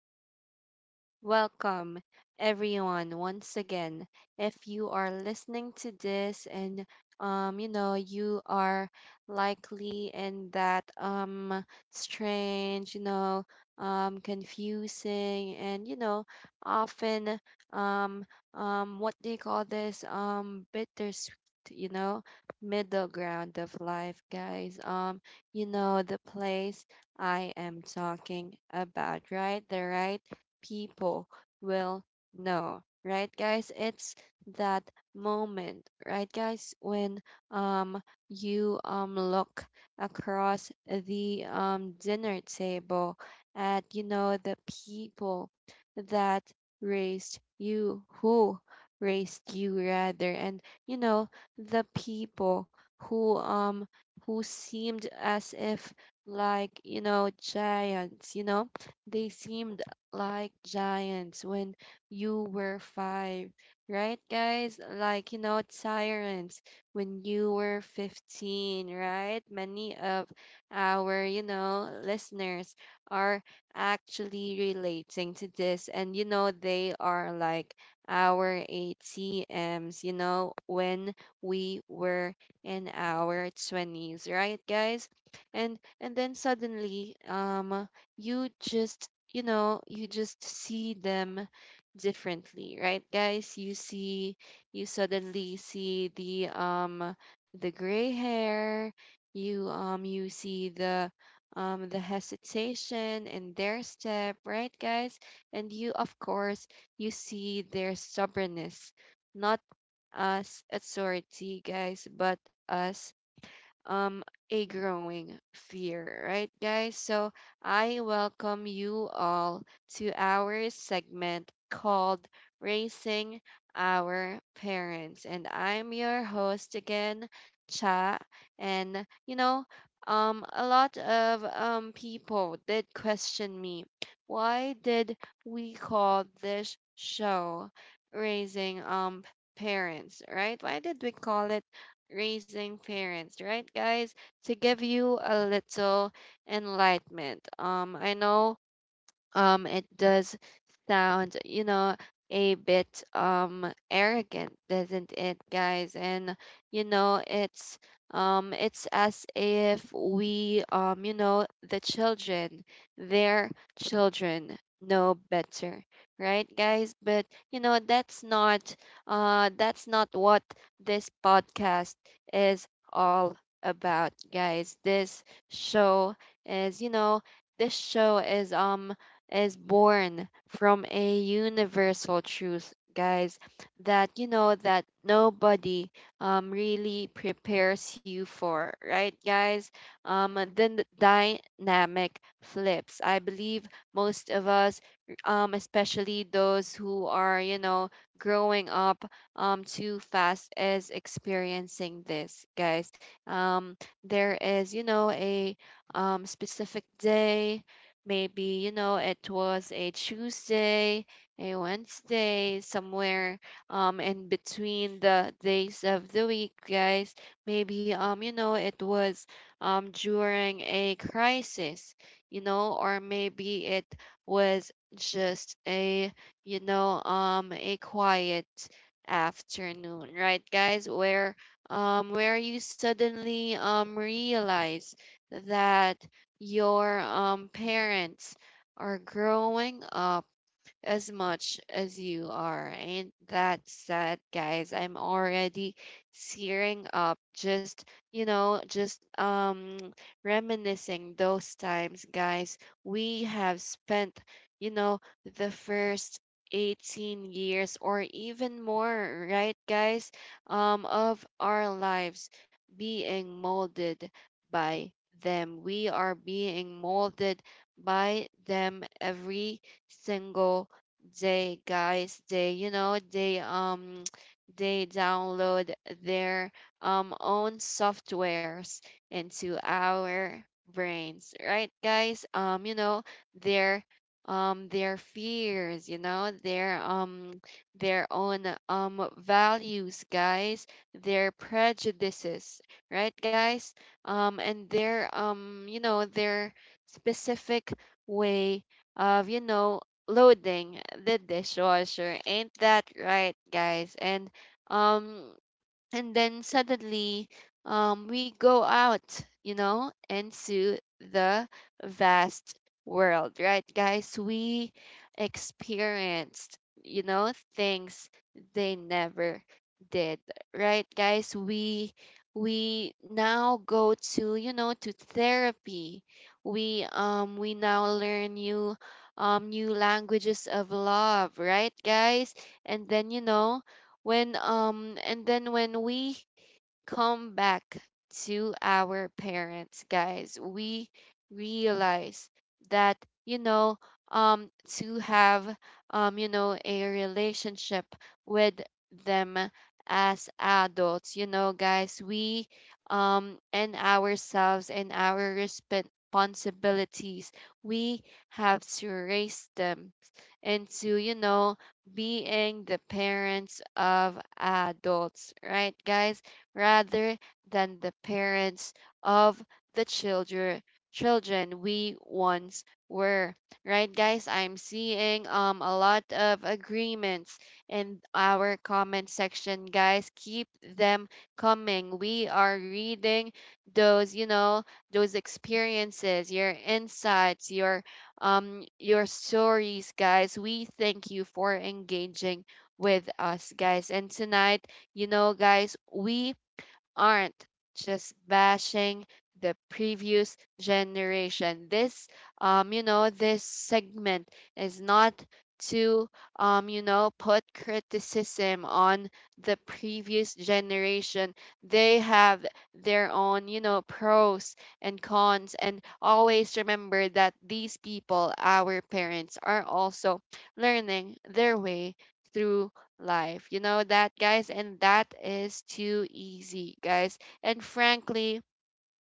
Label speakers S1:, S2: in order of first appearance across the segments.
S1: good night. Welcome, everyone, once again. If you are listening to this, and you are likely in that strange, confusing, and often, um what do you call this, bittersweet, you know? middle ground of life, guys. The place I am talking about, right? The right people will know, right, guys? It's that moment, right, guys, when um you look across the dinner table at the people that raised you, who raised you rather and you know the people who um who seemed as if, like, giants. They seemed like giants when you were five, right, guys, like tyrants when you were 15, right? Many of our, listeners are actually relating to this, and they are like our ATMs, when we were in our 20s, right, guys? And then suddenly, you just, you just see them differently, right, guys? You see, you suddenly see the gray hair, you see the hesitation in their step, right, guys? And you, of course, you see their stubbornness not as authority, guys, but as um a growing fear, right, guys? So I welcome you all to our segment called Raising Our Parents, and I'm your host again, Cha. And a lot of people did question me. Why did we call this show Raising Parents, right? Why did we call it Raising Parents, right, guys? To give you a little enlightenment. I know it does sound, a bit arrogant, doesn't it, guys? And it's, it's as if we, the children, their children, know better, right, guys? But that's not, that's not what this podcast is all about, guys. This show is, this show is, is born from a universal truth, guys, that that nobody really prepares you for, right, guys? Then the dynamic flips. I believe most of us, especially those who are, growing up too fast, is experiencing this, guys. um there is, a specific day. Maybe, it was a Tuesday, a Wednesday, somewhere in between the days of the week, guys. Maybe, it was during a crisis, or maybe it was just a, a quiet afternoon, right, guys, where you suddenly realize that your, parents are growing up as much as you are. And that's that, guys. I'm already tearing up, just, you know, just um reminiscing those times, guys. We have spent, you know, the first 18 years or even more, right, guys, of our lives being molded by them. We are being molded by them every single they, guys. They, they they download their own softwares into our brains, right, guys. Their, their fears, their own, values, guys, their prejudices, right, guys. And their, their specific way of, loading the dishwasher. Ain't that right, guys? And um and then suddenly, we go out, into the vast world, right, guys. We experienced, things they never did, right, guys. We now go to, to therapy. We now learn new, new languages of love, right, guys? And then, you know when and then when we come back to our parents, guys, we realize that, you know, um, to have, a relationship with them as adults, guys, we, and ourselves and our responsibilities, we have to raise them, and to, being the parents of adults, right, guys, rather than the parents of the children we once were, right, guys? I'm seeing a lot of agreements in our comment section, guys. Keep them coming. We are reading those, those experiences, your insights, your, your stories, guys. We thank you for engaging with us, guys. And tonight, guys, we aren't just bashing the previous generation. This, this segment is not to, put criticism on the previous generation. They have their own, pros and cons. And always remember that these people, our parents, are also learning their way through life. You know that, guys, and that is too easy, guys. And frankly,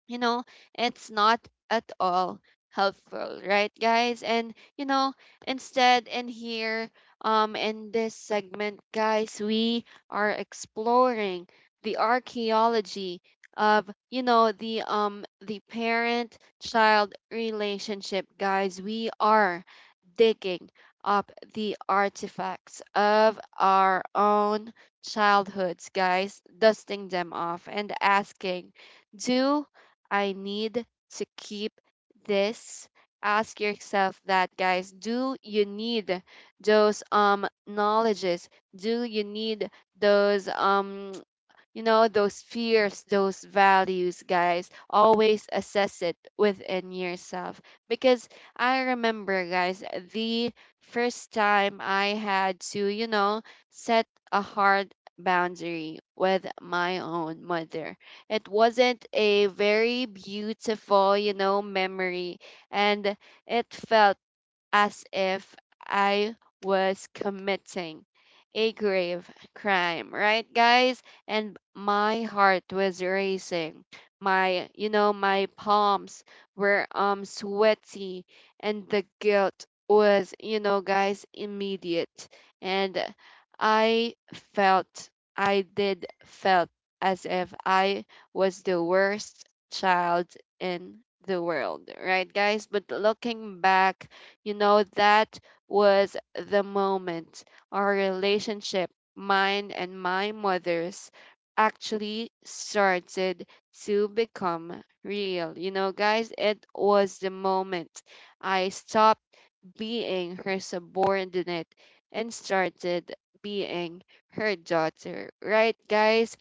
S1: you know, it's not at all helpful, right, guys? And instead in here, in this segment, guys, we are exploring the archaeology of, the parent child relationship, guys. We are digging up the artifacts of our own childhoods, guys, dusting them off and asking, do I need to keep this? Ask yourself that, guys. Do you need those knowledges? Do you need those, those fears, those values, guys? Always assess it within yourself. Because I remember, guys, the first time I had to, set a hard boundary with my own mother. It wasn't a very beautiful, memory. And it felt as if I was committing a grave crime, right, guys? And my heart was racing. My, my palms were sweaty, and the guilt was, guys, immediate. And I felt, I did felt as if I was the worst child in the world, right, guys? But looking back, that was the moment our relationship, mine and my mother's, actually started to become real. You know, guys, it was the moment I stopped being her subordinate and started being her daughter, right, guys?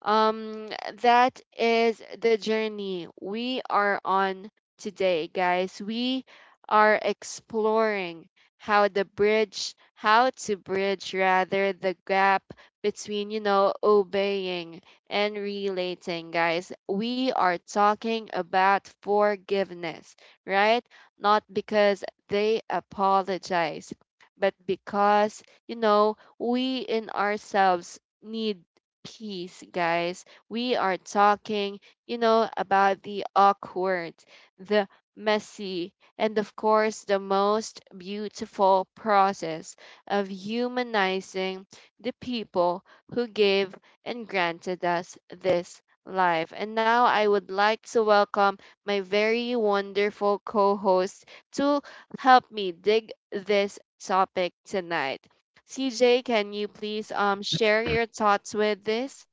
S1: Um, that is the journey we are on today, guys. We are exploring how the bridge, how to bridge rather the gap between, obeying and relating, guys. We are talking about forgiveness, right? Not because they apologize, but because, we in ourselves need peace, guys. We are talking, about the awkward, the messy, and of course, the most beautiful process of humanizing the people who gave and granted us this life. And now I would like to welcome my very wonderful co host to help me dig this topic tonight. CJ, can you please share your thoughts with this?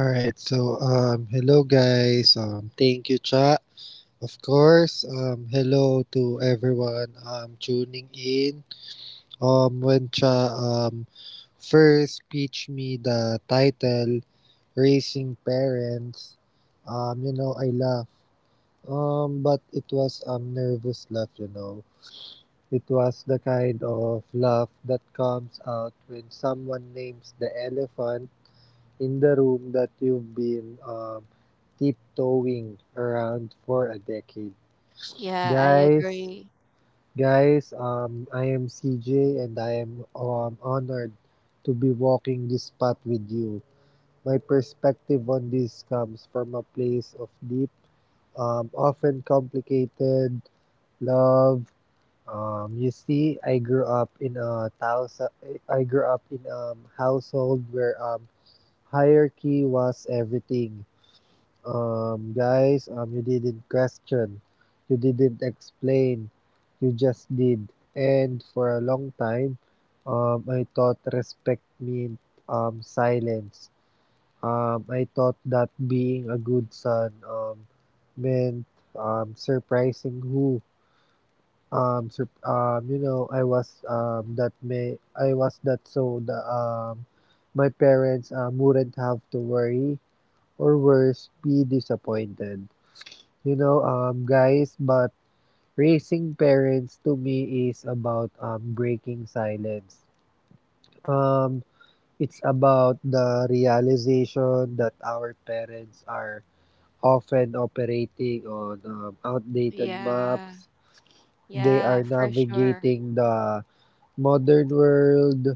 S2: All right. So, hello guys. Thank you, Cha. Of course. Hello to everyone, tuning in. When Cha first pitched me the title, raising parents. You know, I laughed. But it was nervous laugh. You know, it was the kind of laugh that comes out when someone names the elephant in the room that you've been tiptoeing around for a decade.
S1: Yeah, I
S2: Guys,
S1: agree.
S2: guys, I am CJ and I am honored to be walking this path with you. My perspective on this comes from a place of deep, often complicated love. You see, I grew up in a household where hierarchy was everything. Guys, you didn't question, you didn't explain, you just did. And for a long time, I thought respect meant silence. I thought that being a good son meant surprising who. You know, I was that may I was that so the my parents wouldn't have to worry or worse, be disappointed. Guys, but raising parents to me is about breaking silence. Um, it's about the realization that our parents are often operating on outdated
S1: Yeah.
S2: maps. They are
S1: Yeah, for sure.
S2: navigating the modern world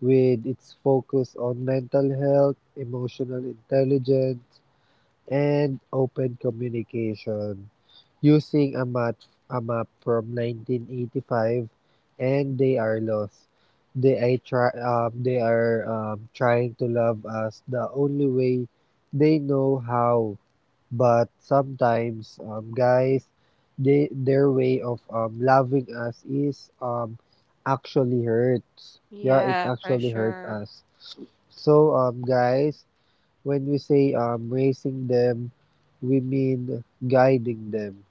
S2: with its focus on mental health, emotional intelligence, and open communication, using a map from 1985, and they are lost. They are trying to love us the only way they know how. But sometimes, guys, they their way of loving us is actually hurts. Yeah, it
S1: Yeah, for
S2: actually hurt
S1: sure.
S2: us. So, guys, when we say raising them, we mean guiding them.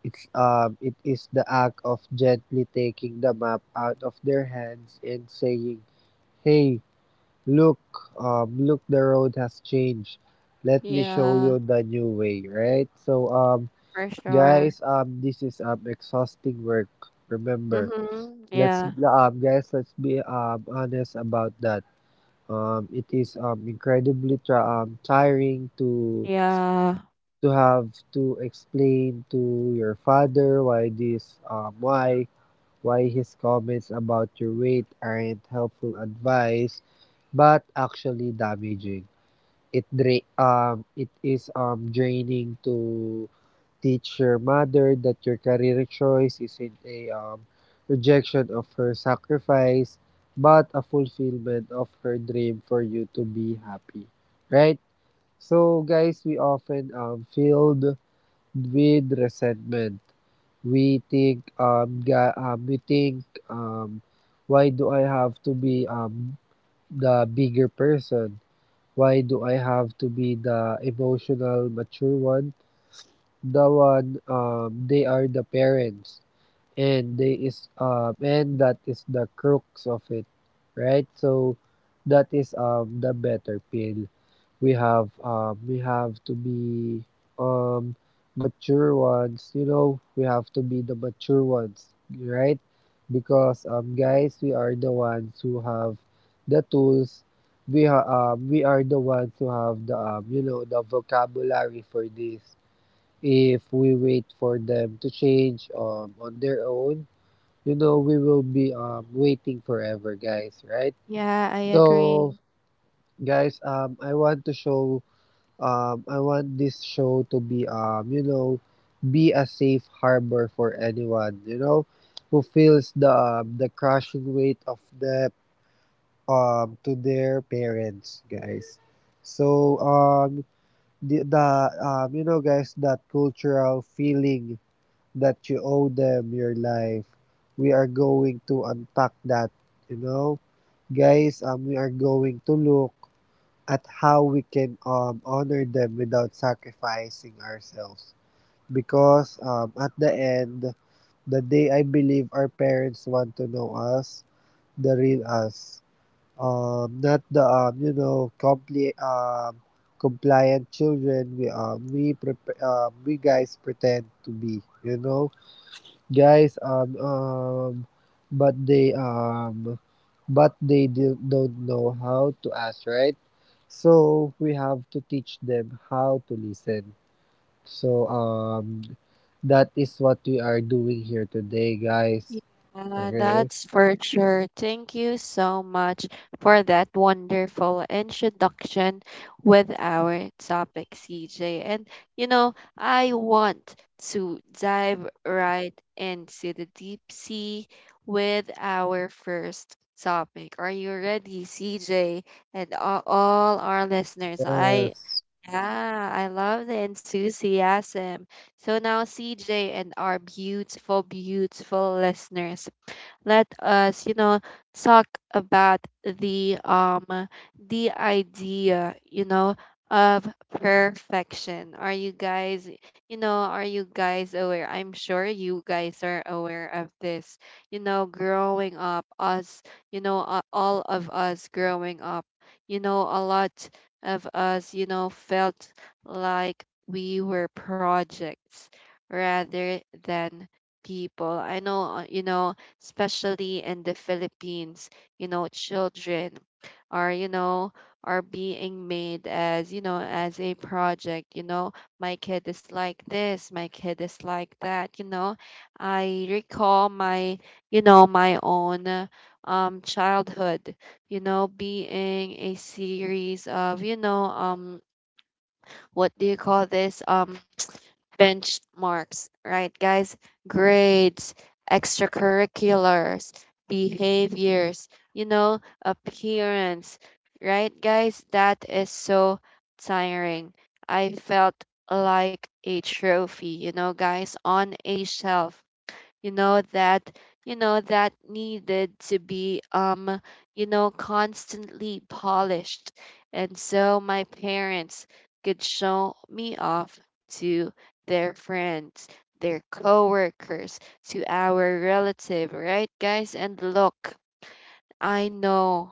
S2: It is the act of gently taking the map out of their hands and saying, "Hey, look, look, the road has changed. Let me show
S1: Yeah,
S2: you the new way, right?" So
S1: for sure.
S2: guys, this is exhausting work. Remember,
S1: Mhm. Yeah.
S2: let's be honest about that. It is incredibly tiring to
S1: Yeah.
S2: to have to explain to your father why this why his comments about your weight aren't helpful advice but actually damaging. It is draining to teach your mother that your career choice isn't a rejection of her sacrifice but a fulfillment of her dream for you to be happy. Right? So guys, we often feel with resentment. We think, um, why do I have to be the bigger person? Why do I have to be the emotional, mature one? The one, they are the parents, and they is, and that is the crux of it, right? So, that is the better pill we have to be um, mature ones, you know, we have to be the mature ones, right? Because guys, we are the ones who have the tools. We we are the ones who have the you know, the vocabulary for this. If we wait for them to change on their own, you know, we will be waiting forever, guys, right?
S1: Yeah, I
S2: So
S1: agree.
S2: guys, I want this show to be, you know, be a safe harbor for anyone, you know, who feels the crushing weight of debt to their parents, guys. So the you know, guys, that cultural feeling that you owe them your life. We are going to unpack that, you know, guys. We are going to look at how we can honor them without sacrificing ourselves. Because at the end, the day, I believe our parents want to know us, the real us, not the compliant children we prep we guys pretend to be. You know, guys. But they um but they don't know how to ask, right? So we have to teach them how to listen. So that is what we are doing here today, guys.
S1: Yeah,
S2: Okay.
S1: that's for sure. Thank you so much for that wonderful introduction with our topic, CJ. And I want to dive right into the deep sea with our first topic. Are you ready, CJ? And a- all our listeners, I
S2: Yes.
S1: yeah, I love the enthusiasm. So now, CJ and our beautiful, beautiful listeners, let us, talk about the idea, of perfection. Are you guys, are you guys aware? I'm sure you guys are aware of this. Growing up, us, all of us growing up, a lot of us, felt like we were projects rather than people. I know, especially in the Philippines, children are, are being made as, as a project, my kid is like this, my kid is like that, I recall my, my own, childhood, being a series of, what do you call this? Benchmarks, right, guys? Grades, extracurriculars, behaviors, appearance, right, guys? That is so tiring. I felt like a trophy, guys, on a shelf that that needed to be, constantly polished, and so my parents could show me off to their friends, their coworkers, to our relative, right, guys. And look, I know,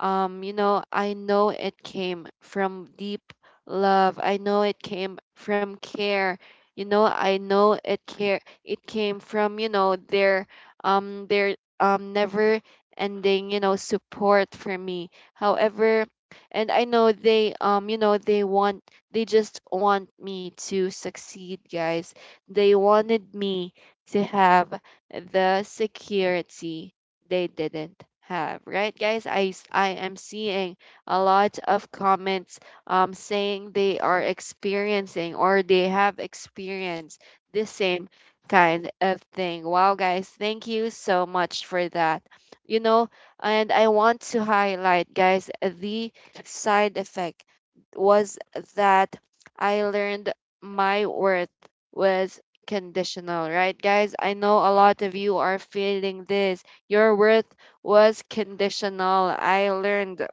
S1: I know it came from deep love. I know it came from care. I know it care it came from, their, their never ending, support for me. However, and I know they, you know they want they just want me to succeed, guys. They wanted me to have the security they didn't have, right, guys. I s- I am seeing a lot of comments, saying they are experiencing or they have experienced the same kind of thing. Wow, guys, thank you so much for that, you know and I want to highlight, guys, the side effect was that I learned my worth was conditional, right, guys? I know a lot of you are feeling this. Your worth was conditional. I learned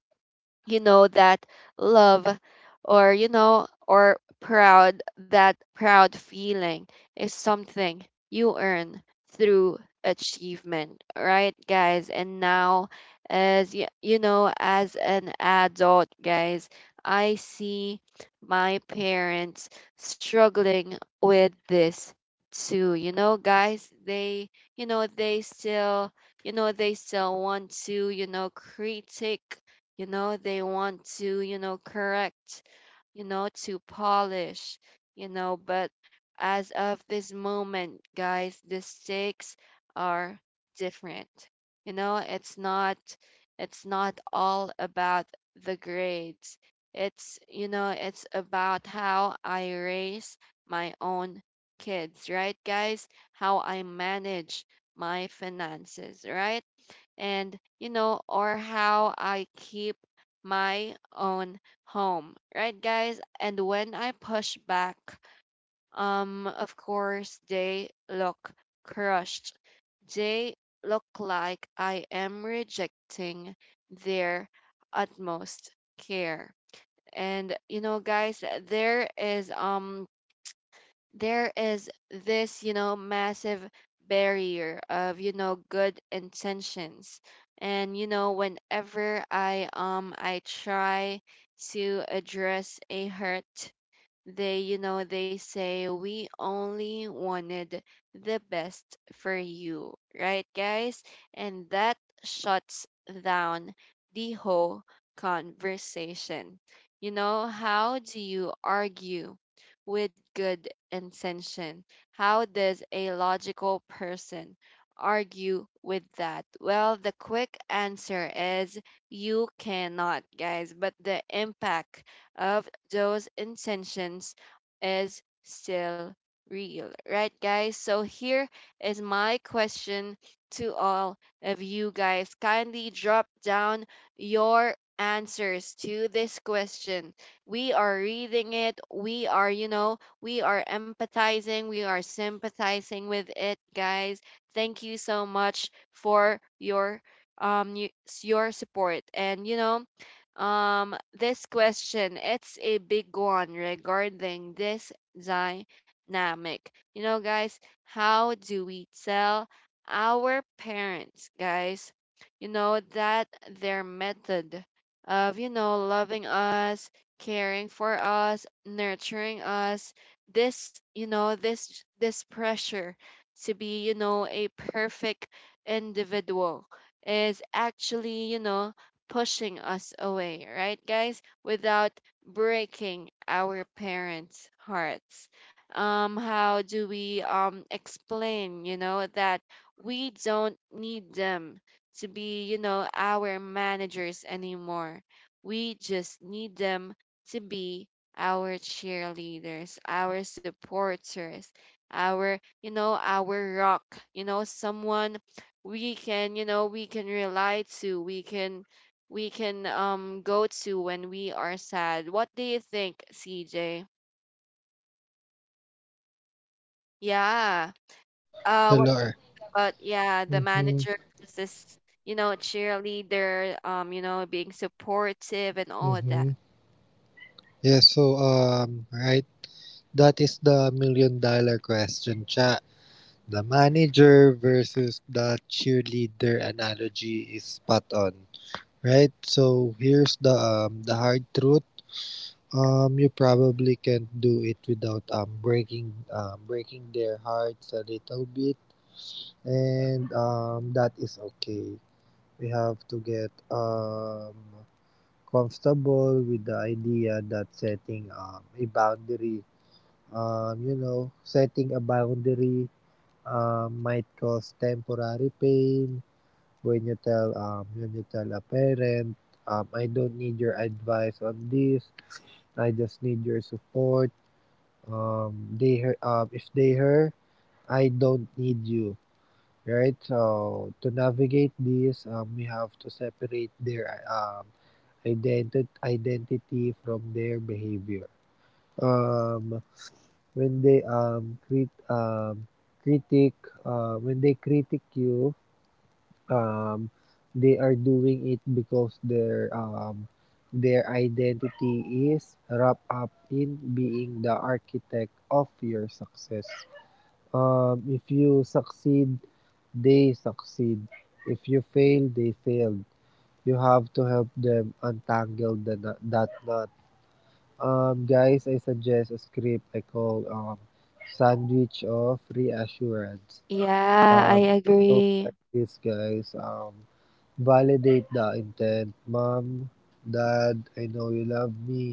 S1: that love or proud feeling is something you earn through achievement, right, guys? And now, as you, you know as an adult, guys, I see my parents struggling with this too, guys. They you know they still you know they still want to critique, they want to correct, to polish, but as of this moment, guys, the stakes are different. you know it's not it's not all about the grades. It's you know it's about how I raise my own kids, right, guys? How I manage my finances, right? And or how I keep my own home, right, guys? And when I push back, of course they look crushed. They look like I am rejecting their utmost care. And, guys, there is this, massive barrier of, good intentions. And whenever I try to address a hurt, they say we only wanted the best for you, right, guys? And that shuts down the whole conversation. How do you argue with good intention? How does a logical person argue with that? Well, the quick answer is you cannot, guys, but the impact of those intentions is still real, right, guys? So, here is my question to all of you guys. Kindly drop down your answers to this question. We are reading it. We are empathizing, we are sympathizing with it, guys. Thank you so much for um y- your support. And this question, it's a big one regarding this dynamic. Guys, how do we tell our parents, guys, that their method of, loving us, caring for us, nurturing us, this pressure to be, a perfect individual is actually, pushing us away, right, guys? Without breaking our parents' hearts. How do we, explain, that we don't need them to be, our managers anymore? We just need them to be our cheerleaders, our supporters, our rock, someone we can rely to, we can go to when we are sad. What do you think, CJ? Yeah. What
S2: Hello.
S1: about, yeah, the
S2: Mm-hmm.
S1: manager versus cheerleader, being supportive and all of
S2: Mm-hmm.
S1: that.
S2: Yes. So right, that is the million dollar question, chat The manager versus the cheerleader analogy is spot on, right? So here's the hard truth. You probably can't do it without breaking their hearts a little bit, and that is okay. We have to get comfortable with the idea that setting a boundary, you know, setting a boundary might cause temporary pain. When you tell a parent, I don't need your advice on this, I just need your support. They hear If they hear, I don't need you, right? So to navigate this, we have to separate their identity from their behavior. um when they crit critic when they critic you, um, they are doing it because their identity is wrapped up in being the architect of your success. If you succeed, they succeed. If you fail, they failed. You have to help them untangle that knot. Guys, I suggest a script I call Sandwich of Reassurance.
S1: Yeah, I
S2: Um, Goes like
S1: agree.
S2: this, guys. Validate the intent. Mom, Dad, I know you love me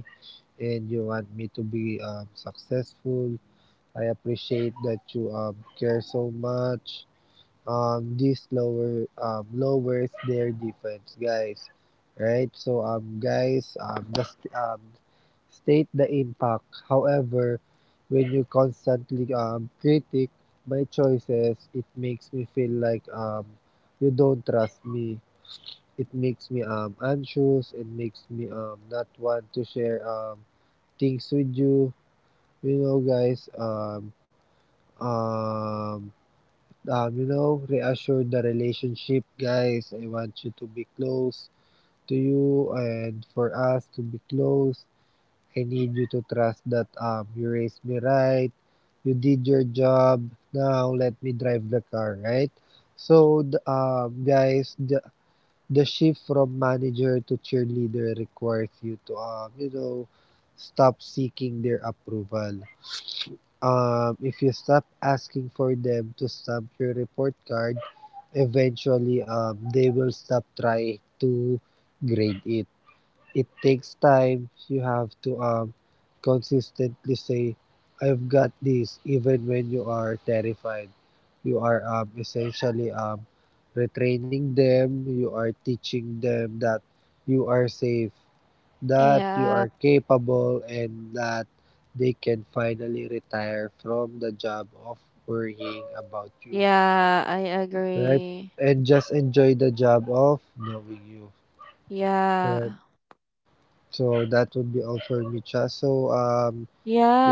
S2: and you want me to be successful. I appreciate that you care so much. This lowers their defense, guys. Right? So, guys, just state the impact. However, when you constantly critic my choices, it makes me feel like you don't trust me. It makes me anxious. It makes me not want to share things with you. You know, guys. Um you know, reassure the relationship, guys. I want you to be close to you and for us to be close. I need you to trust that you raised me right. You did your job. Now let me drive the car, right? So, guys, the shift from manager to cheerleader requires you to you know, stop seeking their approval. If you stop asking for them to stamp your report card, eventually they will stop trying to grade it. It takes time. You have to consistently say, "I've got this," even when you are terrified. You are essentially retraining them. You are teaching them that you are safe, that you
S1: Yeah.
S2: are capable, and that they can finally retire from the job of worrying about you,
S1: Yeah, I
S2: right?
S1: agree.
S2: And just enjoy the job of knowing you.
S1: Yeah.
S2: Right. So that would be all for me, Cha.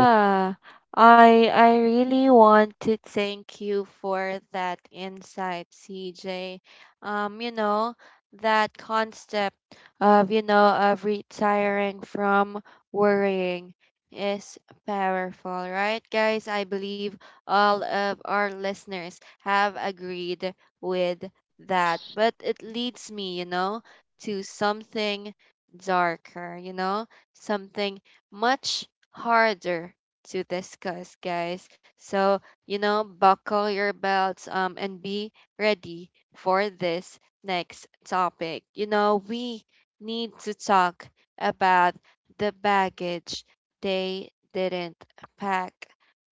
S2: Yeah.
S1: I really want to thank you for that insight, CJ. Um, you know, that concept of, retiring from worrying is powerful, right, guys? I believe all of our listeners have agreed with that. But it leads me, to something darker, something much harder to discuss, guys. So, buckle your belts, and be ready for this next topic. We need to talk about the baggage they didn't pack,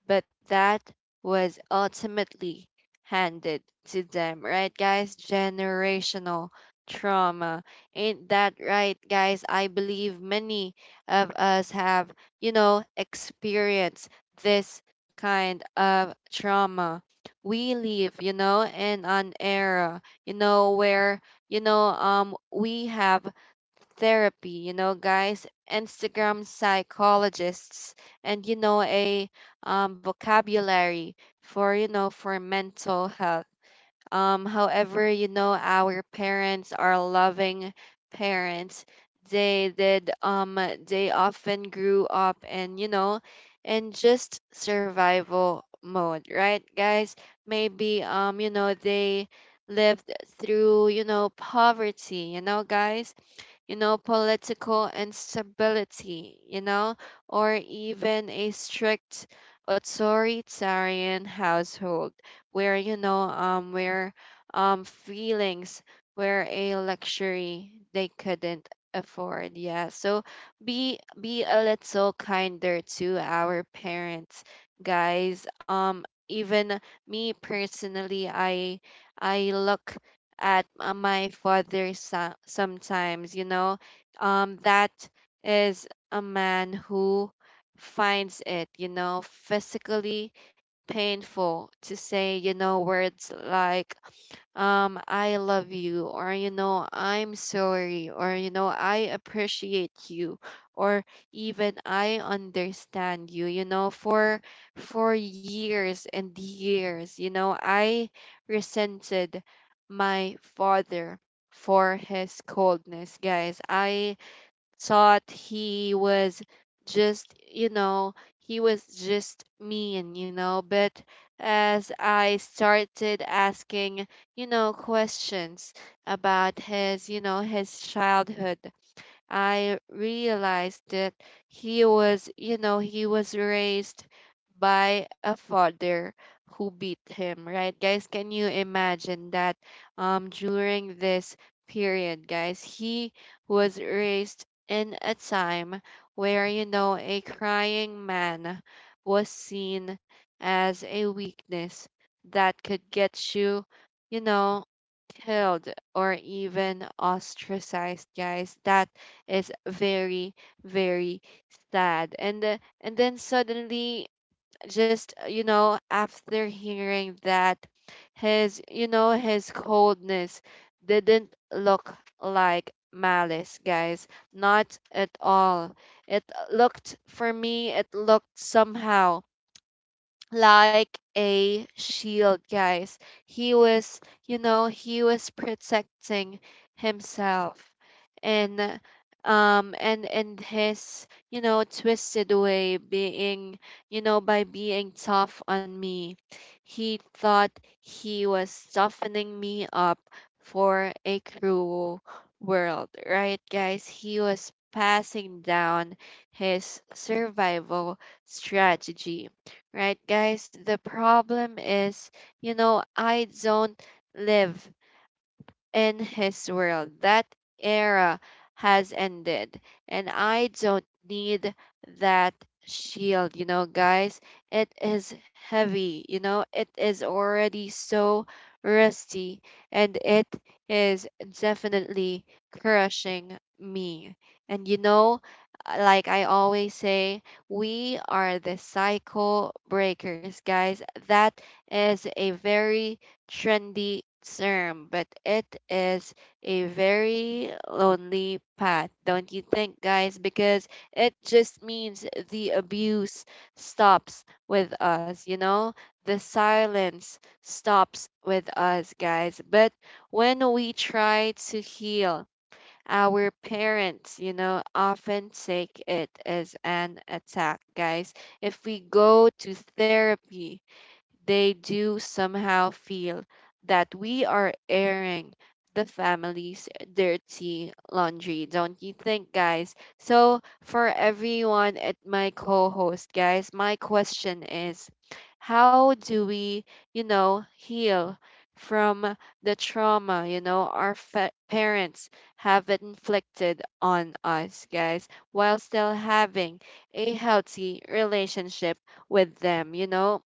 S1: but that was ultimately handed to them, right, guys? Generational trauma. Ain't that right, guys? I believe many of us have, experience this kind of trauma. We live, in an era, where, we have therapy, guys, Instagram psychologists, and, a, vocabulary for, mental health. However, our parents are loving parents. They did, um, they often grew up, in just survival mode, right, guys? Maybe, they lived through, poverty, guys, political instability, or even a strict authoritarian household where feelings were a luxury they couldn't afford. Yeah. So be a little kinder to our parents, guys. Even me personally, I look at, my father, sometimes. That is a man who finds it, physically painful to say, words like, I love you, or I'm sorry, or I appreciate you, or even I understand you. You know For years and years, I resented my father for his coldness, guys. I thought just, you know, he was just mean. But as I started asking, questions about his, childhood, I realized that he was raised by a father who beat him, right? Guys, can you imagine that, during this period, guys, he was raised in a time where, a crying man was seen as a weakness that could get you, you know, killed or even ostracized, guys. That is very very sad, and and then suddenly, just you know after hearing that, his you know his coldness didn't look like malice, guys. Not at all. It looked for me, it looked somehow like a shield, guys. He was, he was protecting himself, and uh, and his, twisted way being, by being tough on me. He thought he was softening me up for a cruel world, right, guys? He was passing down his survival strategy, right, guys? The problem is, I don't live in his world. That era has ended, and I don't need that shield, guys. It is heavy, it is already so rusty, and it is definitely crushing me. And, like I always say, we are the cycle breakers, guys. That is a very trendy term, but it is a very lonely path, don't you think, guys? Because it just means the abuse stops with us, you know? The silence stops with us, guys. But when we try to heal, our parents, often take it as an attack, guys. If we go to therapy, they do somehow feel that we are airing the family's dirty laundry, don't you think, guys? So, for everyone at my co host, guys, my question is, how do we, heal from the trauma, our parents have inflicted on us, guys, while still having a healthy relationship with them, you know?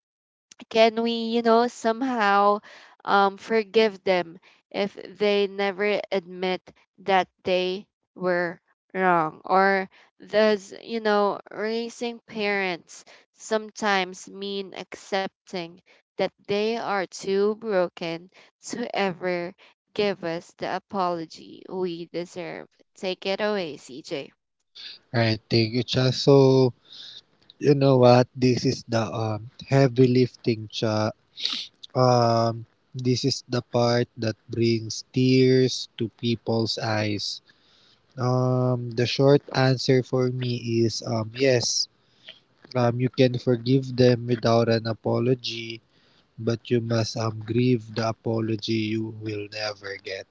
S1: Can we, somehow, forgive them if they never admit that they were wrong? Or does, raising parents sometimes mean accepting that they are too broken to ever give us the apology we deserve? Take it away, CJ.
S2: Right, thank you, Cha. So you know what? This is the heavy lifting, Cha. Um, this is the part that brings tears to people's eyes. The short answer for me is yes. You can forgive them without an apology, but you must grieve the apology you will never get.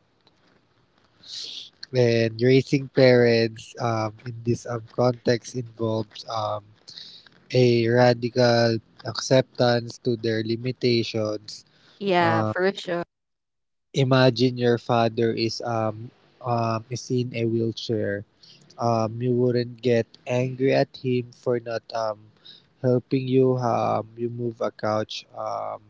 S2: When raising parents in this context involves a radical acceptance to their limitations.
S1: Yeah,
S2: Uh,
S1: for sure.
S2: Imagine your father is in a wheelchair. You wouldn't get angry at him for not helping you move a couch.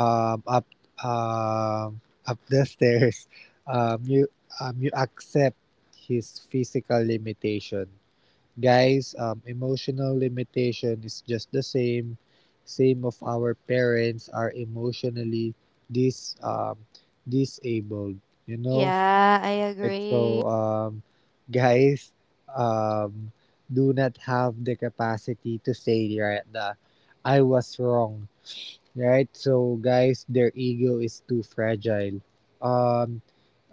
S2: um, up um, up the stairs, um, you you accept his physical limitation. Guys, emotional limitation is just the same. Same of our parents are emotionally dis um, disabled. You know,
S1: Yeah, I
S2: right?
S1: agree.
S2: So, guys, um, do not have the capacity to say, right, the I was wrong, right? So guys, their ego is too fragile. Um,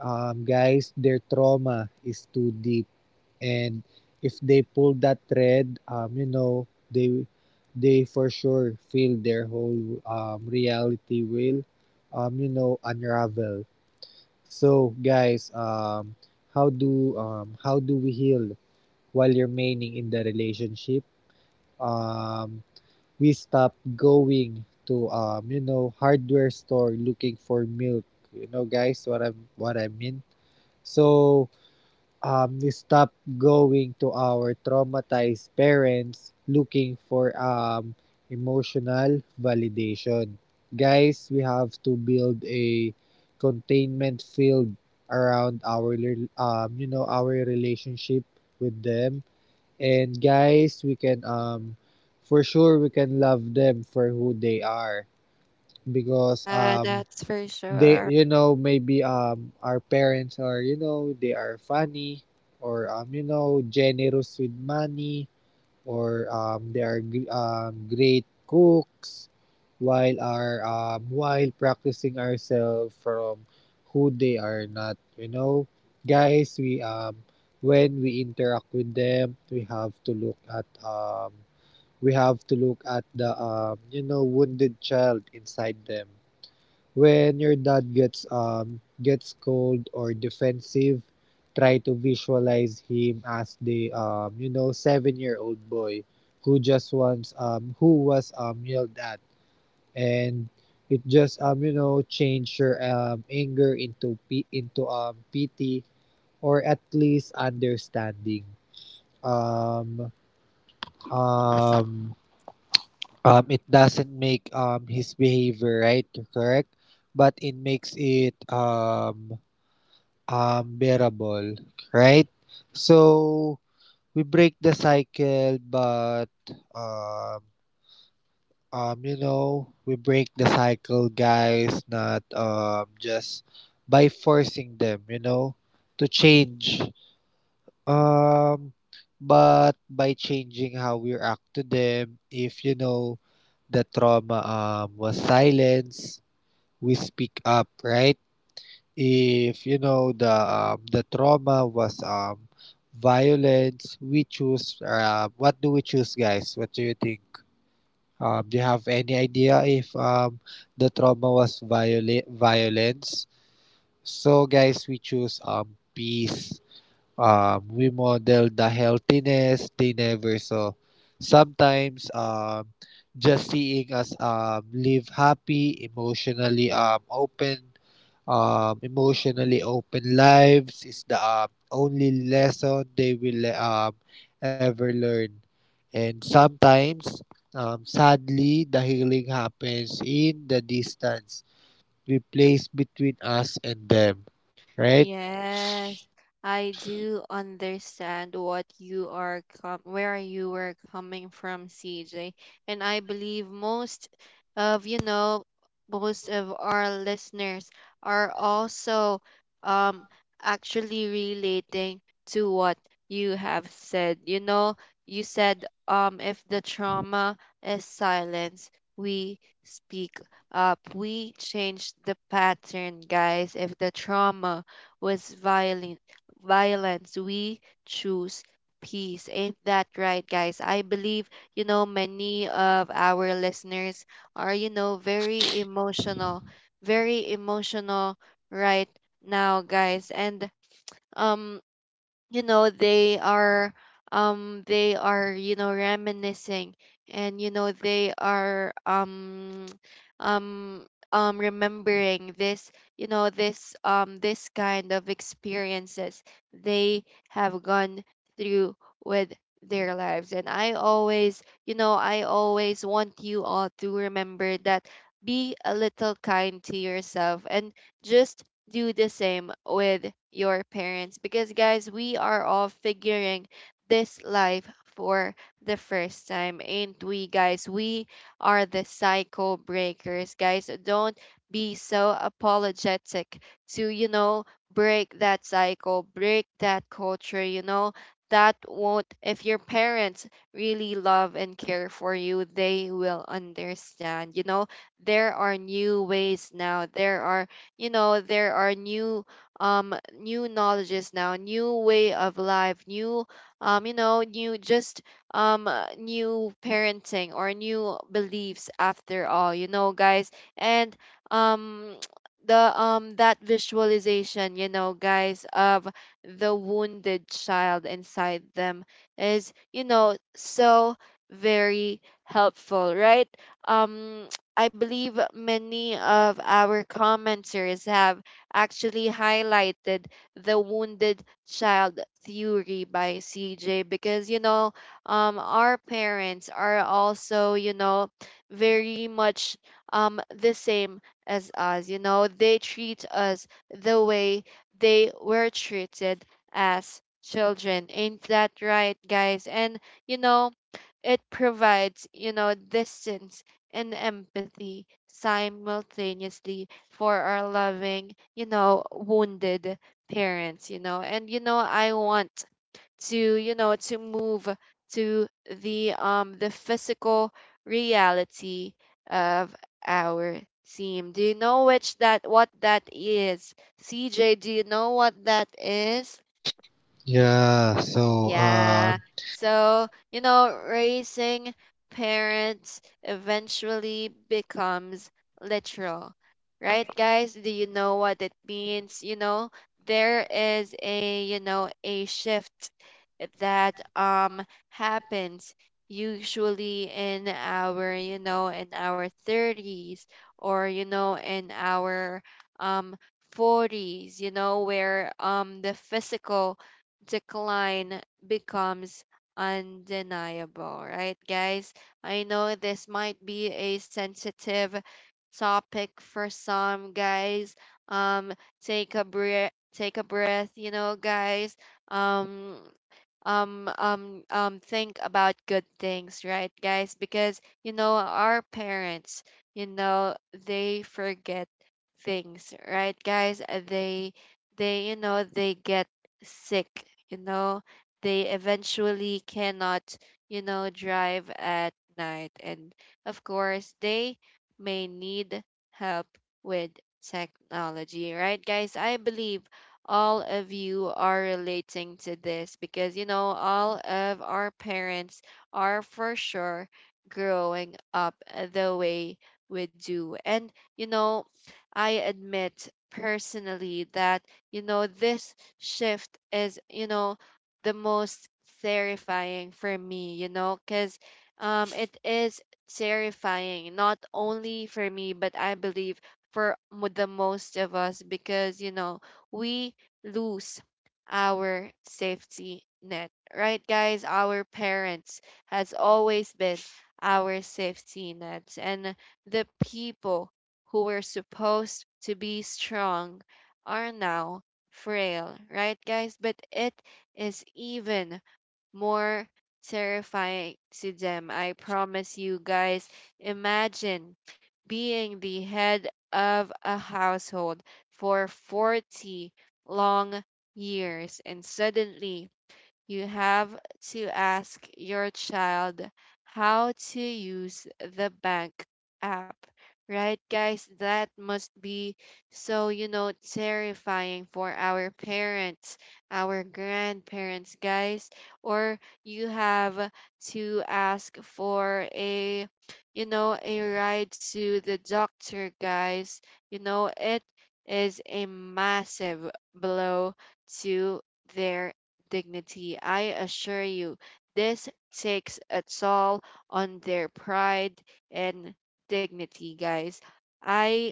S2: Guys, their trauma is too deep, and if they pull that thread, you know, they for sure feel their whole reality will, you know, unravel. So guys, how do we heal while remaining in the relationship? Um, we stopped going to you know, hardware store looking for milk. You know, guys, what I mean. So, we stopped going to our traumatized parents looking for emotional validation. Guys, we have to build a containment field around our our relationship with them. And guys, we can for sure we can love them for who they are, because
S1: Yeah, that's for
S2: they,
S1: sure.
S2: you know, maybe our parents are, you know, they are funny, or generous with money, or they are great cooks, while are while practicing ourselves from who they are not, you know. Guys we um when we interact with them, we have to look at we have to look at the wounded child inside them. When your dad gets cold or defensive, try to visualize him as the 7-year old boy who just wants who was yelled at. And it just change your anger into pity, or at least understanding. um um it doesn't make his behavior right, correct, but it makes it bearable, right? So we break the cycle, but um, we break the cycle, guys, not just by forcing them, you know, to change. Um, but by changing how we react to them. If you know the trauma was silence, we speak up, right? If you know the trauma was violence, we choose what do we choose, guys? What do you think? Do you have any idea? If the trauma was violence, so guys, we choose peace. We model the healthiness they never saw. Sometimes just seeing us live happy, emotionally open, emotionally open lives is the only lesson they will ever learn. And sometimes, sadly, the healing happens in the distance, replaced between us and them. Right?
S1: Yes, I do understand what you are com where you were coming from, CJ. And I believe of, you know, most of our listeners are also, um actually relating to what you have said. You said, if the trauma is silence, we speak up. We change the pattern, guys. If the trauma was violent violence. We choose peace. Ain't that right, guys? I believe, many of our listeners are, very emotional right now, guys. And, um you know they are they are, reminiscing, and, they are, um remembering this you know this this kind of experiences they have gone through with their lives. And I always want you all to remember that, be a little kind to yourself, and just do the same with your parents, because, guys, we are all figuring this life for the first time, and we guys we are the cycle breakers, guys. Don't be so apologetic to, break that cycle, break that culture, that won't if your parents really love and care for you, they will understand. There are new ways now. There are new, um new knowledges now, new way of life, new, new, just new parenting or new beliefs, after all, guys. And, um the that visualization, guys, of the wounded child inside them is, so very helpful, right? um I believe many of our commenters have actually highlighted the wounded child theory by CJ, because, our parents are also, very much, the same as us. They treat us the way they were treated as children, ain't that right, guys? And, you know it provides, distance and empathy simultaneously for our loving, wounded parents. And I want to, move to the, physical reality of our team. Do you know which that what that is? CJ, do you know what that is?
S2: Yeah. So,
S1: Yeah. So, raising parents eventually becomes literal, right, guys? Do you know what it means? You know, there is a, you know, a shift that happens usually in our 30s or, in our um 40s, where the physical decline becomes undeniable, right, guys? I know this might be a sensitive topic for some guys. Um, Take a breath, take a breath, guys. Um, think about good things, right, guys? Because our parents, you know they forget things, right, guys. They they get sick, they eventually cannot drive at night, and of course they may need help with technology, right, guys? I believe all of you are relating to this because, all of our parents are for sure growing up the way we do. And, I admit personally that, this shift is, the most terrifying for me, because it is terrifying not only for me, but I believe for the most of us because, we lose our safety net, right, guys. Our parents has always been our safety nets, and the people who were supposed to be strong are now frail, right, guys. But it is even more terrifying to them. I promise you guys, imagine being the head of a household for 40 long years and suddenly you have to ask your child how to use the bank app. Right, guys? That must be so, terrifying for our parents, our grandparents, guys. Or you have to ask for a, a ride to the doctor, guys. You know, it is a massive blow to their dignity. I assure you, this takes a toll on their pride and dignity, guys. I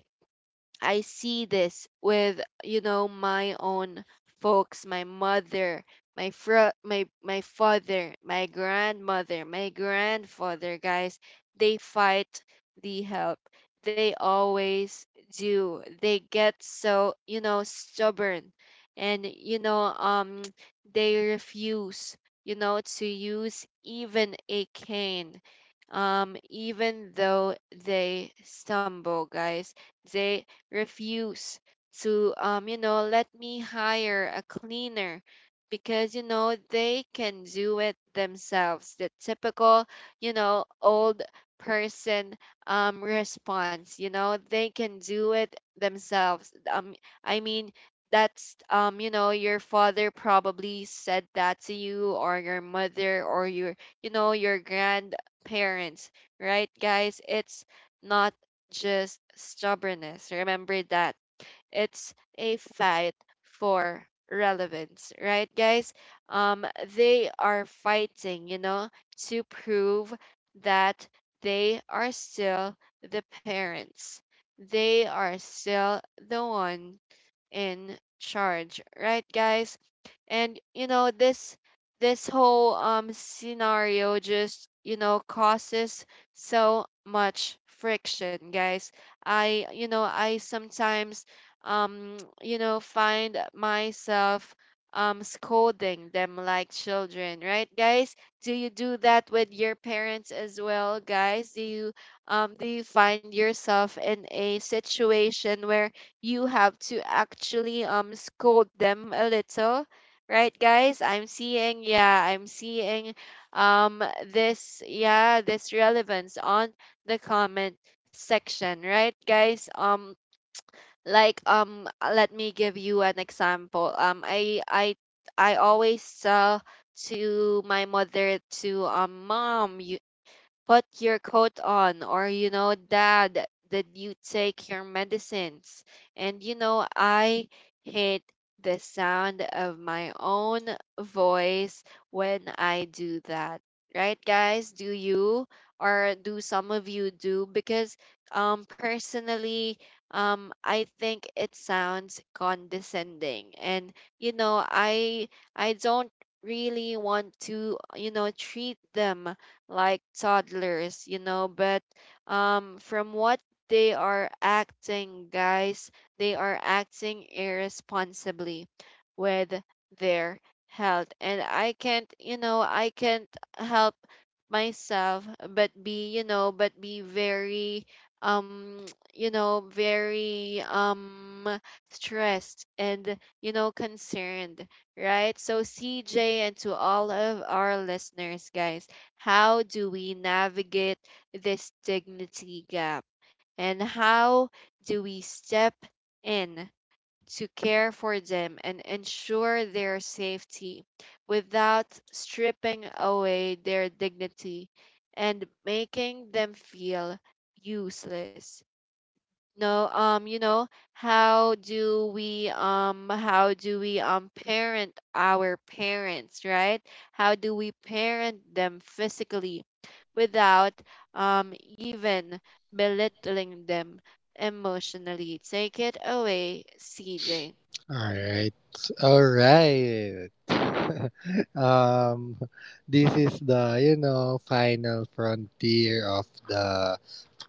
S1: I see this with my own folks, my mother, my father, my grandmother, my grandfather, guys. They fight the help. They always do. They get so, stubborn, and they refuse, to use even a cane. Even though they stumble, guys. They refuse to let me hire a cleaner, because they can do it themselves. The typical old person response, they can do it themselves. I mean that's your father probably said that to you, or your mother, or your your grandparents, right, guys. It's not just stubbornness. Remember that. It's a fight for relevance, right, guys? Um, they are fighting, to prove that they are still the parents. They are still the ones in charge, right, guys? And this whole scenario just causes so much friction, guys. I sometimes find myself scolding them like children, right, guys? Do you do that with your parents as well, guys? Do you find yourself in a situation where you have to actually scold them a little, right, guys? I'm seeing, yeah, I'm seeing this, yeah, this relevance on the comment section, right, guys. Like let me give you an example. I always tell to my mother to, mom, you put your coat on. Or, dad, did you take your medicines? And I hate the sound of my own voice when I do that, right, guys? Do you, or do some of you do? Because personally, I think it sounds condescending, and you know i I don't really want to treat them like toddlers, but from what they are acting, guys, they are acting irresponsibly with their health. And I can't, I can't help myself but be, but be very um very stressed and concerned. Right, so CJ, and to all of our listeners, guys, how do we navigate this dignity gap? And how do we step in to care for them and ensure their safety without stripping away their dignity and making them feel useless? No, how do we parent our parents, right? How do we parent them physically without even belittling them emotionally? Take it away, CJ.
S2: all right. All right. um, this is the, you know, final frontier of the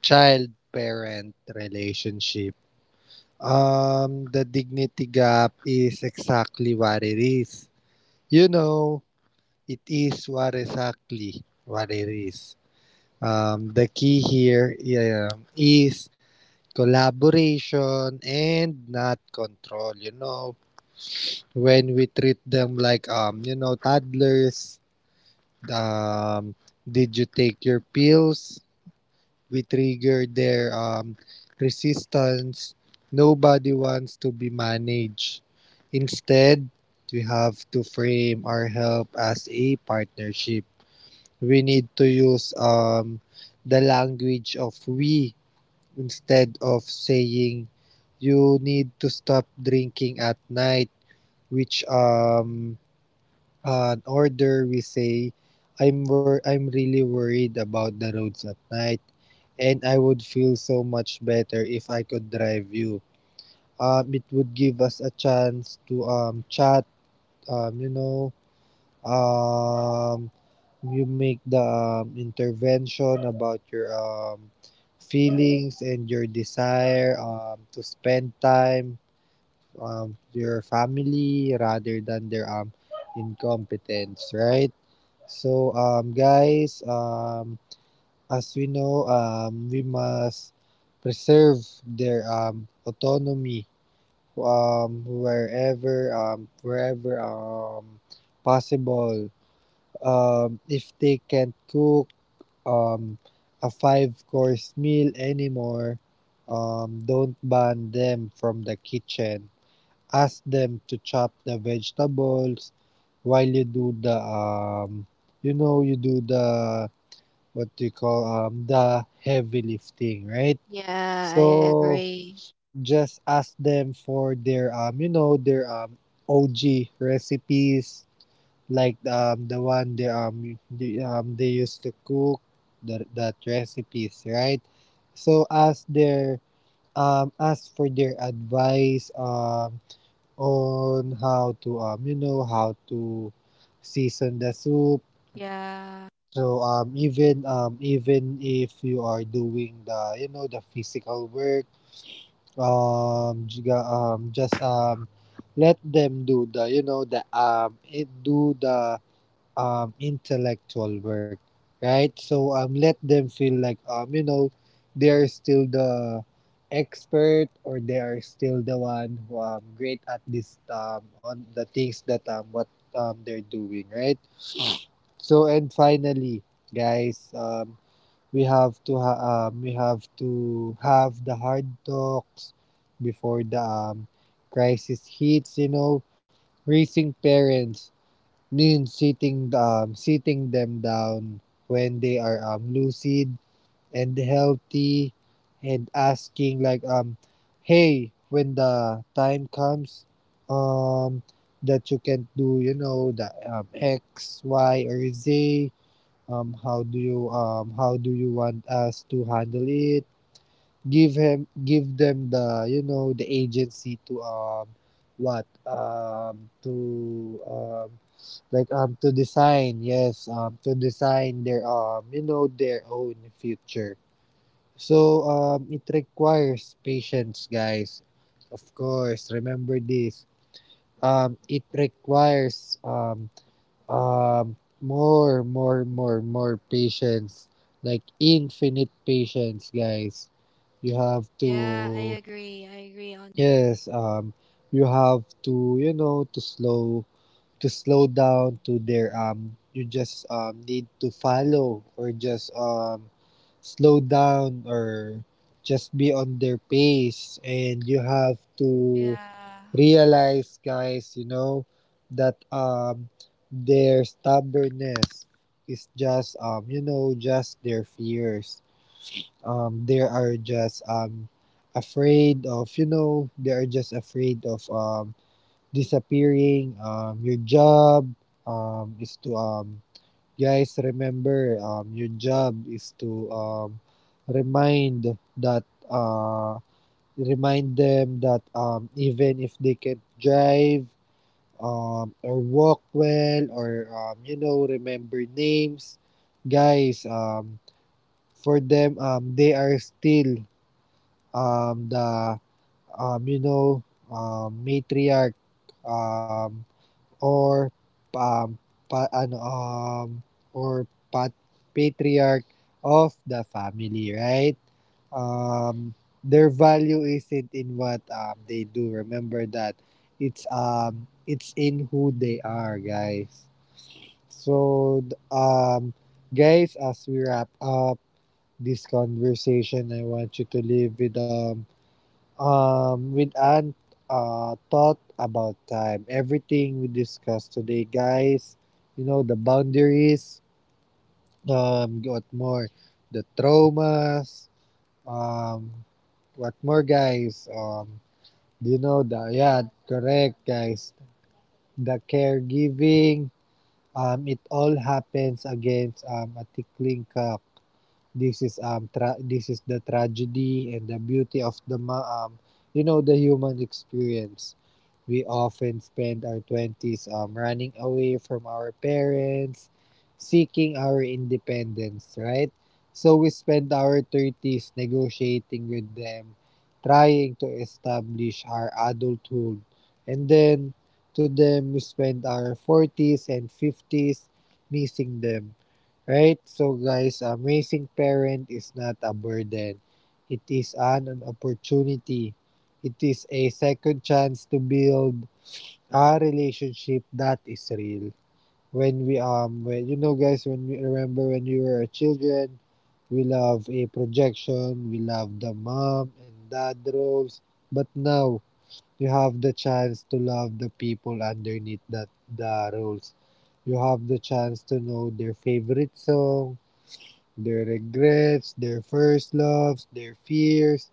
S2: child parent relationship. The dignity gap is exactly what it is. You know, it is what exactly what it is. The key here, yeah, is collaboration and not control. You know, when we treat them like toddlers, um did you take your pills, we trigger their resistance. Nobody wants to be managed. Instead, we have to frame our help as a partnership. We need to use the language of we. Instead of saying, you need to stop drinking at night, which an order, we say, I'm really worried about the roads at night, and I would feel so much better if I could drive you. It would give us a chance to chat. um you know um you make the intervention about your feelings and your desire to spend time with your family rather than their incompetence, right? So, guys, as we know, we must preserve their autonomy wherever possible. If they can't cook um, a five-course meal anymore, don't ban them from the kitchen. Ask them to chop the vegetables while you do the you know you do the what do you call the heavy lifting, right?
S1: Yeah, I
S2: So
S1: agree.
S2: just ask them for their OG recipes, like the one they they used to cook, the that recipes, right? So ask their ask for their advice on how to how to season the soup.
S1: Yeah.
S2: So even if you are doing the, you know, the physical work, jiga- just let them do the, you know, the it do the intellectual work, right? So let them feel like, you know, they are still the expert, or they are still the one who great at this on the things that what they're doing, right? So and finally, guys, we have to have the hard talks before the crisis hits, you know. Raising parents means sitting them down when they are lucid and healthy, and asking like, hey, when the time comes, um that you can do, you know, the x y or z, how do you want us to handle it? Give him give them the, you know, the agency to what to like to design, yes, to design their, you know, their own future. So it requires patience, guys, of course. Remember this. It requires more, more, more, more patience. Like infinite patience, guys. You have
S1: Yeah, I
S2: to,
S1: agree. I agree on.
S2: yes, you have to, you know, to slow down to their, you just, need to follow, or just, slow down, or just be on their pace, and you have to
S1: Yeah.
S2: realize, guys, you know, that their stubbornness is just, you know, just their fears. They are just afraid of, you know, they are just afraid of disappearing. Your job is to guys remember your job is to remind that uh remind them that even if they can drive, or walk well, or, you know, remember names. Guys, for them, they are still the um, you know matriarch. Um, or um, pa, ano, um, or pat, patriarch of the family, right? Um, their value isn't in what they do. Remember that, it's in who they are, guys. So guys, as we wrap up this conversation, I want you to leave with an thought about time. Everything we discussed today, guys, you know, the boundaries, what more, the traumas, um, what more, guys, you know, the, yeah, correct, guys, the caregiving, it all happens against, a tickling cup. This is, this is the tragedy and the beauty of the, you know, the human experience. We often spend our twenties running away from our parents, seeking our independence, right? So we spend our thirties negotiating with them, trying to establish our adulthood. And then to them, we spend our forties and fifties missing them, right? So, guys, raising parent is not a burden, it is an opportunity. It is a second chance to build our relationship that is real. When you know, guys, when we remember when we were children, we love a projection, we love the mom and dad roles, but now you have the chance to love the people underneath that, the roles. You have the chance to know their favorite song, their regrets, their first loves, their fears.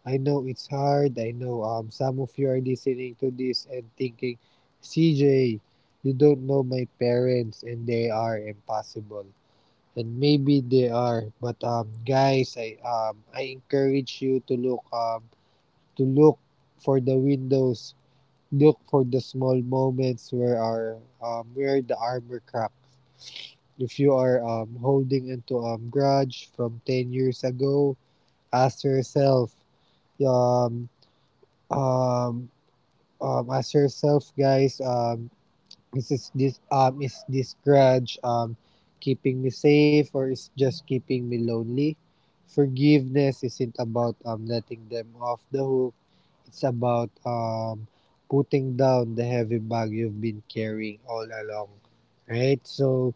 S2: I know it's hard. I know some of you are listening to this and thinking, CJ, you don't know my parents and they are impossible. And maybe they are, but guys, I encourage you to look for the windows, look for the small moments where our where the armor cracks. If you are holding into a grudge from 10 years ago, ask yourself, um, um, ask yourself, guys, is this grudge keeping me safe or is just keeping me lonely? Forgiveness isn't about letting them off the hook. It's about putting down the heavy bag you've been carrying all along. Right? So,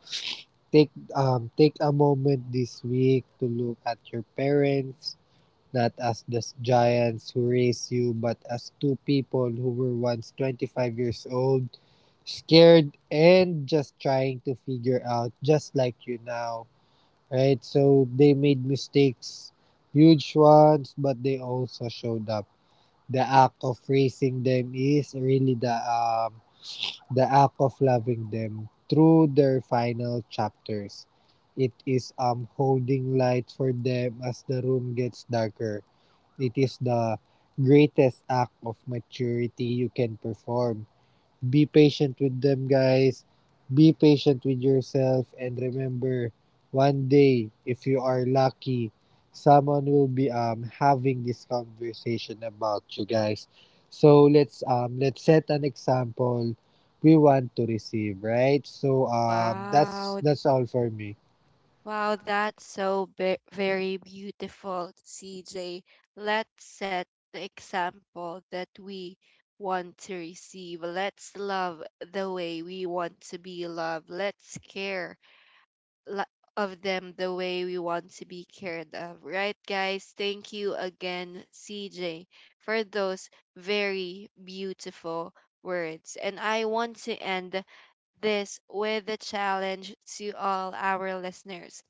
S2: take take a moment this week to look at your parents not as the giants who raised you, but as two people who were once 25 years old, scared and just trying to figure out just like you now, right? So they made mistakes, huge ones, but they also showed up. The act of raising them is really the act of loving them through their final chapters. It is holding light for them as the room gets darker. It is the greatest act of maturity you can perform. Be patient with them, guys. Be patient with yourself. And remember, one day, if you are lucky, someone will be having this conversation about you, guys. So let's set an example we want to receive, right? So
S1: Wow.
S2: that's all for me.
S1: Wow, that's very beautiful, CJ. Let's set the example that we want to receive. Let's love the way we want to be loved. Let's care la- of them the way we want to be cared of. Right, guys? Thank you again, CJ, for those very beautiful words. And I want to end this with a challenge to all our listeners.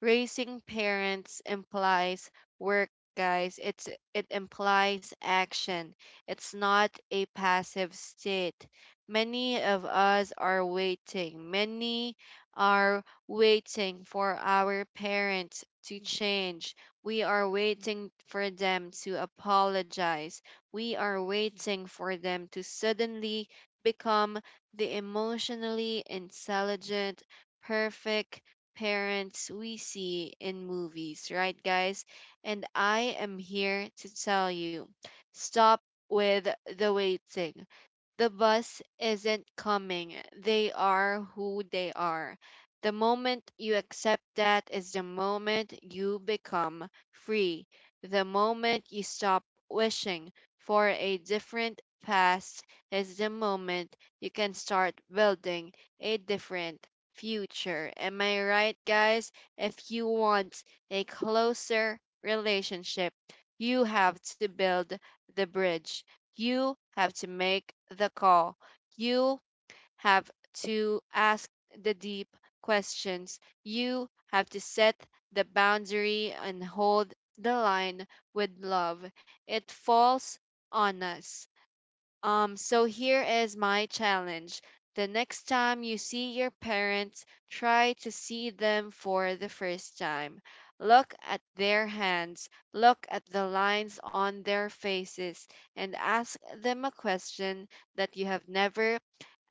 S1: Raising parents implies work, guys. It implies action. It's not a passive state. Many of us are waiting. Many are waiting for our parents to change. We are waiting for them to apologize. We are waiting for them to suddenly become the emotionally intelligent, perfect parents we see in movies, right, guys? And I am here to tell you, stop with the waiting. The bus isn't coming. They are who they are. The moment you accept that is the moment you become free. The moment you stop wishing for a different past is the moment you can start building a different future. Am I right, guys? If you want a closer relationship, you have to build the bridge. You have to make the call. You have to ask the deep questions. You have to set the boundary and hold the line with love. It falls on us. So here is my challenge. The next time you see your parents, try to see them for the first time. Look at their hands, look at the lines on their faces, and ask them a question that you have never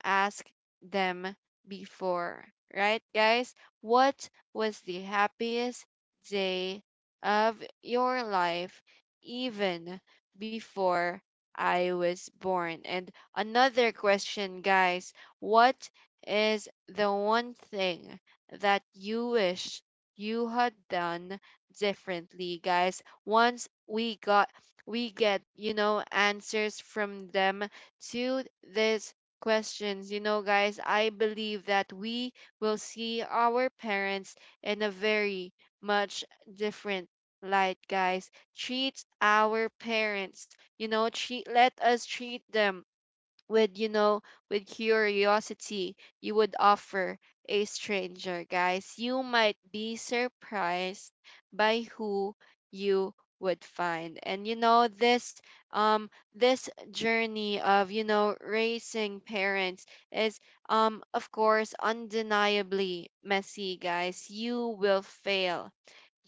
S1: ask them before, right, guys? What was the happiest day of your life even before I was born? And another question, guys, what is the one thing that you wish you had done differently, guys? Once we got We get, answers from them to this questions. You know, guys, I believe that we will see our parents in a very much different light, guys. Treat our parents, treat, let us treat them with with curiosity you would offer a stranger, guys. You might be surprised by who you would find. And um this journey of raising parents is of course undeniably messy, guys. You will fail,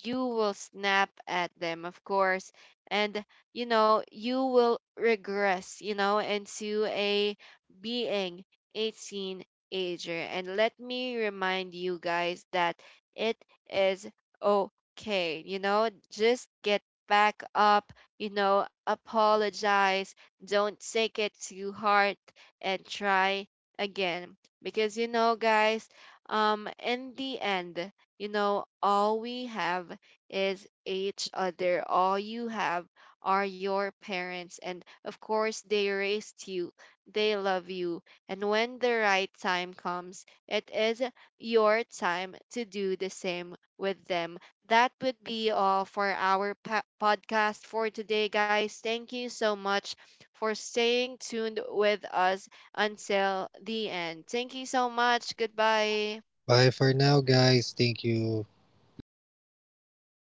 S1: you will snap at them, of course. And, you will regress, into a being 18 ager. And let me remind you guys that it is okay. You know, just get back up, apologize, don't take it to heart, and try again. Because, in the end, all we have is each other. All you have are your parents. And of course, they raised you, they love you. And when the right time comes, it is your time to do the same with them. That would be all for our podcast for today, guys. Thank you so much for staying tuned with us until the end. Thank you so much. Goodbye.
S2: Bye for now, guys. Thank you. Please like and